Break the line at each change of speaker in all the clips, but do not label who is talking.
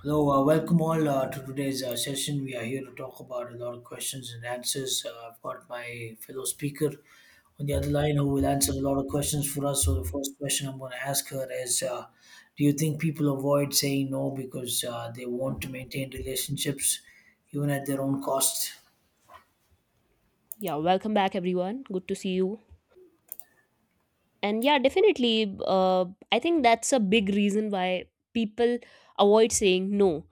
Hello, welcome all to today's session. We are here to talk about a lot of questions and answers. I've got my fellow speaker on the other line who will answer a lot of questions for us. So, the first question I'm going to ask her is do you think people avoid saying no because they want to maintain relationships even at their own cost?
Yeah, welcome back, everyone. Good to see you. And yeah, definitely, I think that's a big reason why people avoid saying no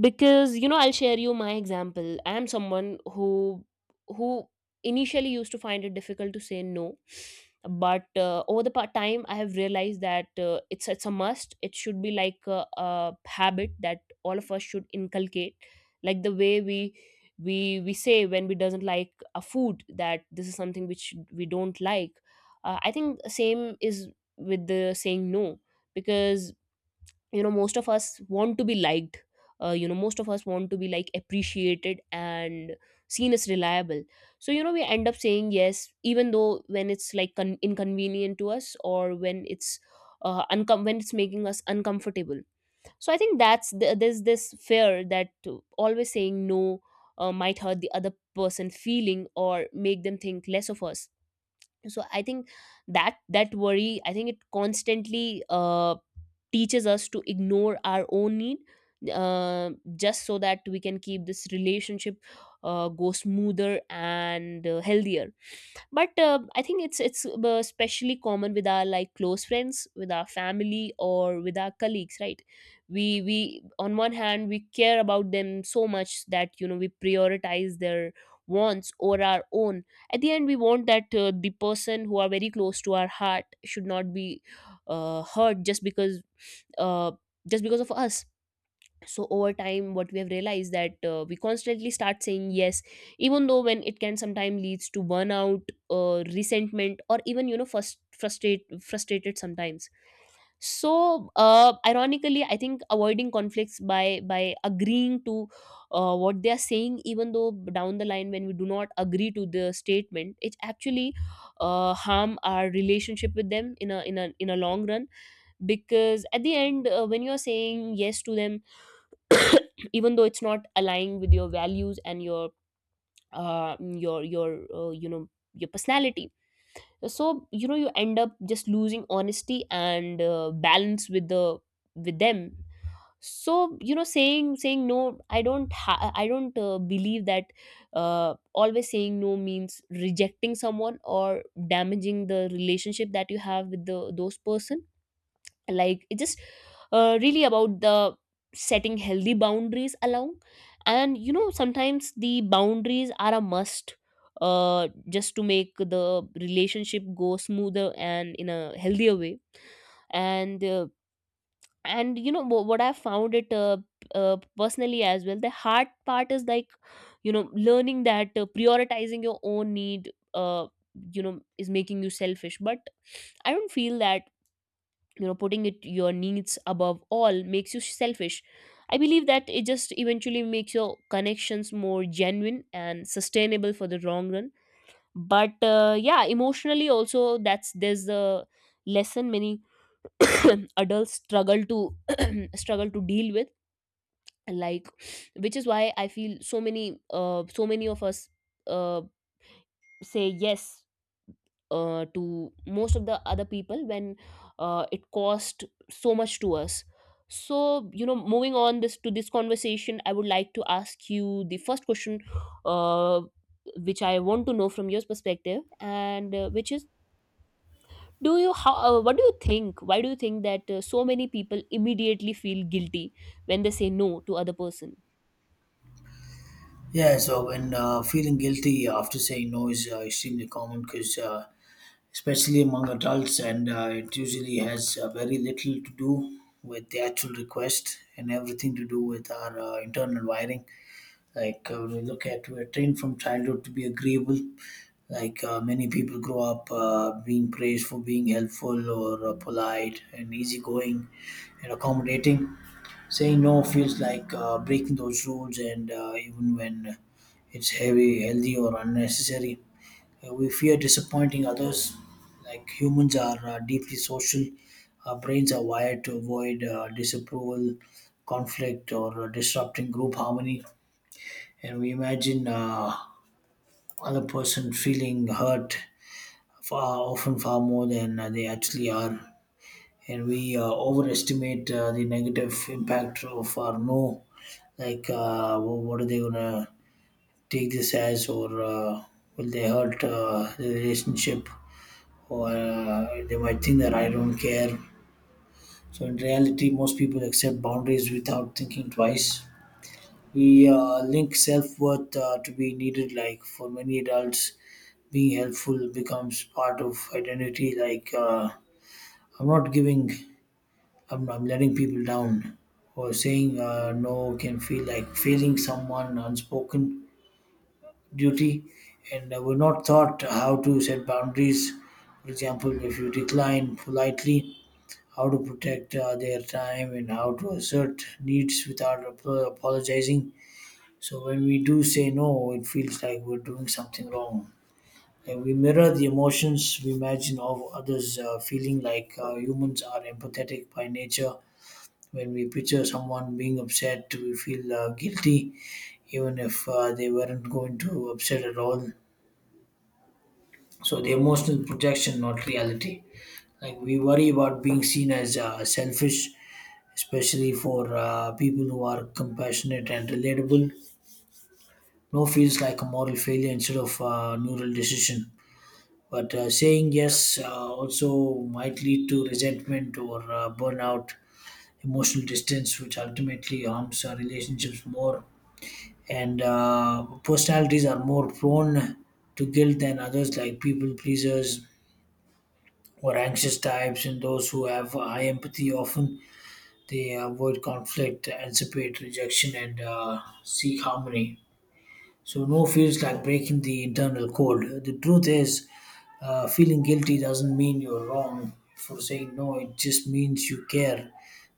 because I'll share you my example. I am someone who who initially used to find it difficult to say no, but over the time I have realized that it's a must. It should be like a habit that all of us should inculcate, like the way we we say when we doesn't like a food that this is something which we don't like. I think same is with the saying no, because most of us want to be liked, most of us want to be like appreciated and seen as reliable. So we end up saying yes even though when it's like inconvenient to us, or when it's when it's making us uncomfortable. So I think there's this fear that always saying no might hurt the other person feeling or make them think less of us. So I think that worry, I think it constantly teaches us to ignore our own need, uh, just so that we can keep this relationship go smoother and healthier. But I think it's especially common with our like close friends, with our family, or with our colleagues, right? We on one hand we care about them so much that we prioritize their wants or our own. At the end, we want that the person who are very close to our heart should not be hurt just because uh, of us. So over time what we have realized that we constantly start saying yes, even though when it can sometimes leads to burnout, resentment, or even first frustrated sometimes. So ironically I think avoiding conflicts by agreeing to what they are saying, even though down the line when we do not agree to the statement, it actually harm our relationship with them in a in a long run. Because at the end when you are saying yes to them, even though it's not aligning with your values and your your personality. So you end up just losing honesty and balance with the with them. So saying no, I don't I don't believe that always saying no means rejecting someone or damaging the relationship that you have with the those person. Like it's just really about the setting healthy boundaries along. And sometimes the boundaries are a must, just to make the relationship go smoother and in a healthier way. And what I found it, personally as well, the hard part is like learning that prioritizing your own need is making you selfish. But I don't feel that putting it your needs above all makes you selfish. I believe that it just eventually makes your connections more genuine and sustainable for the long run. But yeah, emotionally also that's there's the lesson many adults struggle to struggle to deal with, like, which is why I feel so many so many of us uh, say yes to most of the other people when it cost so much to us. So moving on this to this conversation, I would like to ask you the first question, uh, which I want to know from your perspective, and which is, do you how what do you think why do you think that so many people immediately feel guilty when they say no to other person?
Yeah, so when feeling guilty after saying no is extremely common because, especially among adults, and it usually has very little to do with the actual request and everything to do with our internal wiring. Like when we look at, we're trained from childhood to be agreeable. Like many people grow up being praised for being helpful or polite and easygoing and accommodating. Saying no feels like breaking those rules, and even when it's heavy, healthy, or unnecessary, we fear disappointing others. Like humans are deeply social, our brains are wired to avoid disapproval, conflict, or disrupting group harmony. And we imagine other person feeling hurt far often far more than they actually are, and we overestimate the negative impact of our no. Like what are they gonna take this as, or will they hurt the relationship, or they might think that I don't care? So in reality, most people accept boundaries without thinking twice. We link self-worth to be needed. Like for many adults, being helpful becomes part of identity. Like I'm not giving, I'm letting people down, or saying no can feel like failing someone unspoken duty. And we're not taught how to set boundaries. For example, if you decline politely, how to protect their time and how to assert needs without apologizing. So when we do say no, it feels like we're doing something wrong, and we mirror the emotions we imagine of others feeling. Like humans are empathetic by nature. When we picture someone being upset, we feel guilty, even if they weren't going to upset at all. So the emotional projection, not reality. Like we worry about being seen as selfish, especially for people who are compassionate and relatable. No feels like a moral failure instead of a neural decision. But saying yes also might lead to resentment or burnout, emotional distance, which ultimately harms our relationships more. And personalities are more prone to guilt than others, like people pleasers or anxious types, and those who have high empathy often they avoid conflict, anticipate rejection, and seek harmony. So no feels like breaking the internal code. The truth is, feeling guilty doesn't mean you're wrong for saying no. It just means you care,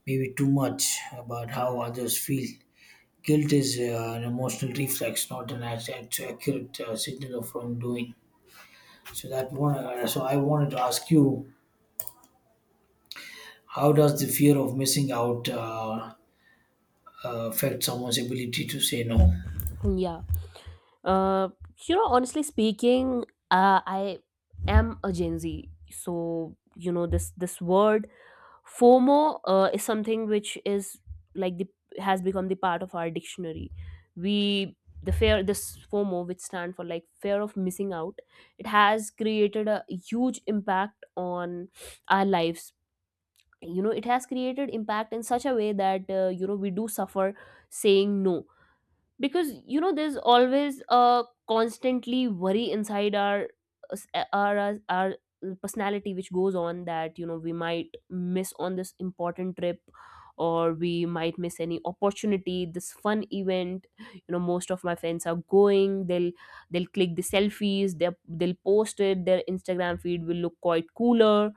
maybe too much about how others feel. Guilt is an emotional reflex, not an accurate signal of wrongdoing. So that one. So I wanted to ask you, how does the fear of missing out affect someone's ability to say no?
Yeah. Uh, you know, honestly speaking, I am a Gen Z, so you know this word FOMO is something which is like the has become the part of our dictionary. We the fear this FOMO, which stand for like fear of missing out, it has created a huge impact on our lives. You know, it has created impact in such a way that you know we do suffer saying no, because you know there's always a constantly worry inside our our personality, which goes on that you know we might miss on this important trip, or we might miss any opportunity, this fun event. You know most of my friends are going, they'll click the selfies, they'll post it, their Instagram feed will look quite cooler.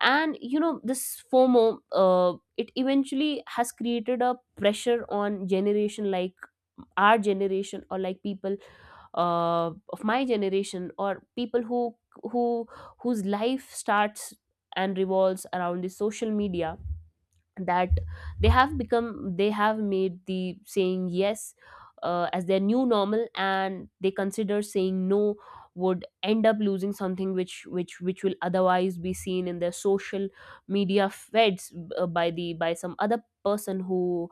And you know this FOMO, it eventually has created a pressure on generation like our generation, or like people of my generation, or people who who whose life starts and revolves around the social media, that they have become, they have made the saying yes as their new normal, and they consider saying no would end up losing something which will otherwise be seen in their social media feds by the by some other person who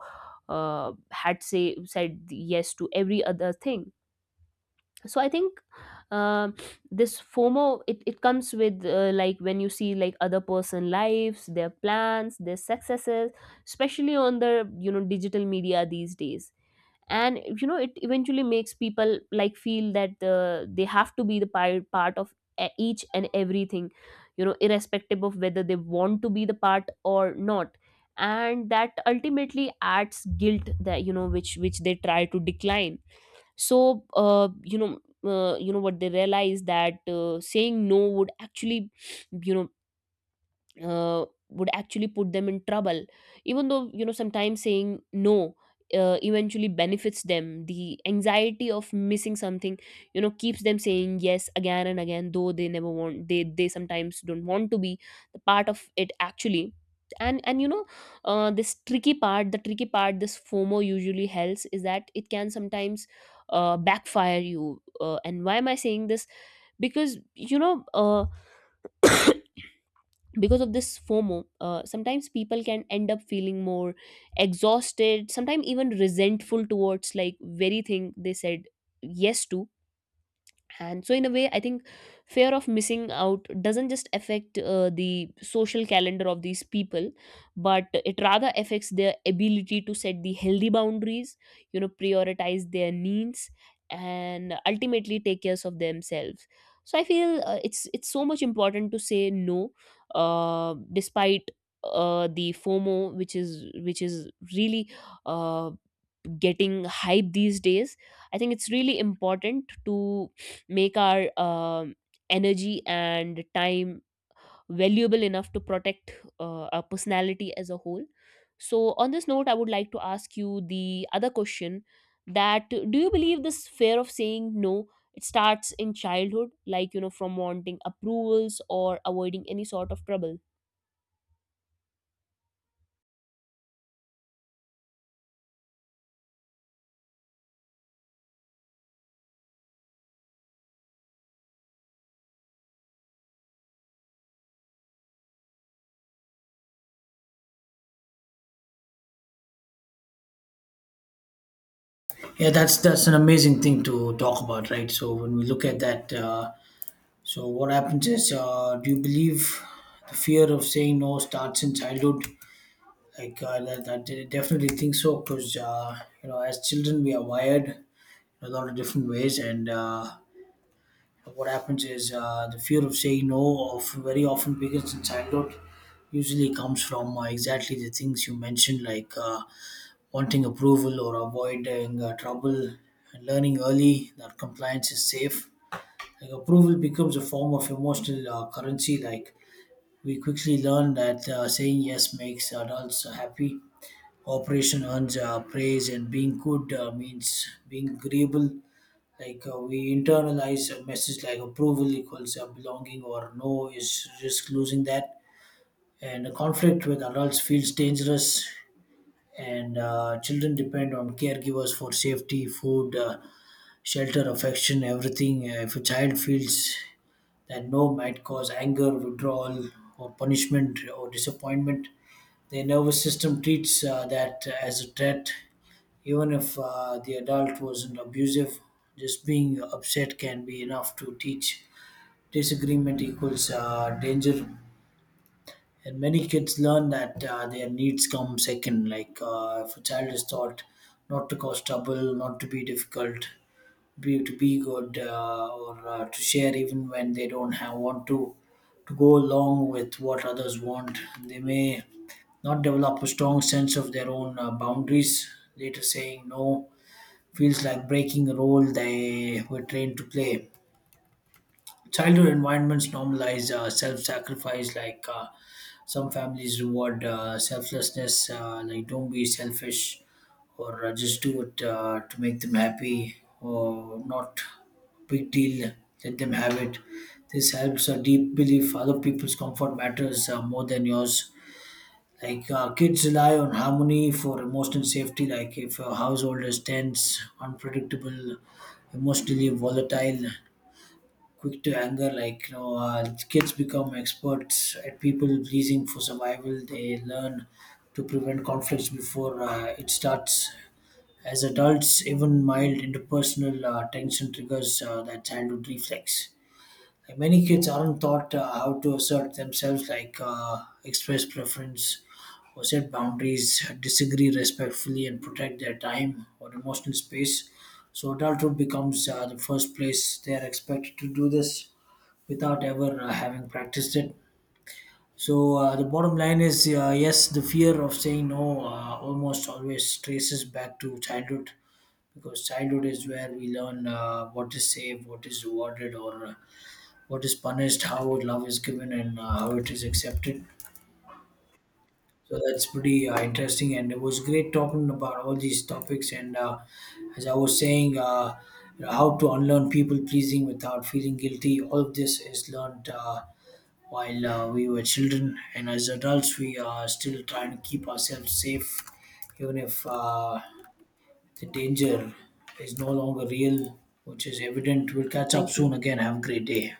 had say said yes to every other thing. So I think uh, this FOMO, it comes with like when you see like other person lives, their plans, their successes, especially on the you know digital media these days. And you know it eventually makes people like feel that they have to be part of each and everything, you know, irrespective of whether they want to be the part or not. And that ultimately adds guilt that which they try to decline. So what they realized that saying no would actually, you know would actually put them in trouble. Even though you know sometimes saying no eventually benefits them, the anxiety of missing something, you know, keeps them saying yes again and again, though they never want, they sometimes don't want to be the part of it actually. And you know this tricky part, the tricky part this FOMO usually helps, is that it can sometimes backfire you. And why am I saying this? Because because of this FOMO, sometimes people can end up feeling more exhausted, sometimes even resentful towards like very thing they said yes to. And so in a way, I think fear of missing out doesn't just affect the social calendar of these people, but it rather affects their ability to set the healthy boundaries, you know, prioritize their needs, and ultimately take care of themselves. So I feel it's so much important to say no, despite the FOMO, which is really uh, getting hype these days. I think it's really important to make our energy and time valuable enough to protect our personality as a whole. So on this note, I would like to ask you the other question, that do you believe this fear of saying no, it starts in childhood, like you know from wanting approvals or avoiding any sort of trouble?
Yeah, that's an amazing thing to talk about, right? So when we look at that, so what happens is, do you believe the fear of saying no starts in childhood? Like I definitely think so, because you know, as children we are wired in a lot of different ways, and what happens is the fear of saying no of very often begins in childhood. Usually comes from exactly the things you mentioned, like wanting approval or avoiding trouble, and learning early that compliance is safe. Like approval becomes a form of emotional currency. Like we quickly learn that saying yes makes adults happy. Cooperation earns praise, and being good means being agreeable. Like we internalize a message like approval equals belonging, or no is risk losing that. And a conflict with adults feels dangerous. And children depend on caregivers for safety, food, shelter, affection, everything. If a child feels that no might cause anger, withdrawal, or punishment or disappointment, their nervous system treats that as a threat. Even if the adult wasn't abusive, just being upset can be enough to teach disagreement equals danger. And many kids learn that their needs come second. Like if a child is taught not to cause trouble, not to be difficult, be to be good, or to share even when they don't have, want to go along with what others want, they may not develop a strong sense of their own boundaries. Later, saying no feels like breaking a role they were trained to play. Childhood environments normalize self sacrifice, like some families reward selflessness, like don't be selfish, or just do it to make them happy or not big deal, let them have it. This helps a deep belief other people's comfort matters more than yours. Like kids rely on harmony for emotional safety. Like if a household is tense, unpredictable, emotionally volatile, quick to anger, like you know, kids become experts at people pleasing for survival. They learn to prevent conflicts before it starts. As adults, even mild interpersonal tension triggers that childhood reflex. Like many kids aren't taught how to assert themselves, like express preference, or set boundaries, disagree respectfully, and protect their time or emotional space. So, adulthood becomes the first place they are expected to do this without ever having practiced it. So, the bottom line is yes, the fear of saying no almost always traces back to childhood, because childhood is where we learn what is safe, what is rewarded, or what is punished, how love is given, and how it is accepted. So that's pretty interesting, and it was great talking about all these topics. And as I was saying, how to unlearn people pleasing without feeling guilty. All of this is learned while we were children, and as adults, we are still trying to keep ourselves safe, even if the danger is no longer real, which is evident. We'll catch up
Thank
soon
you.
again. Have a great day.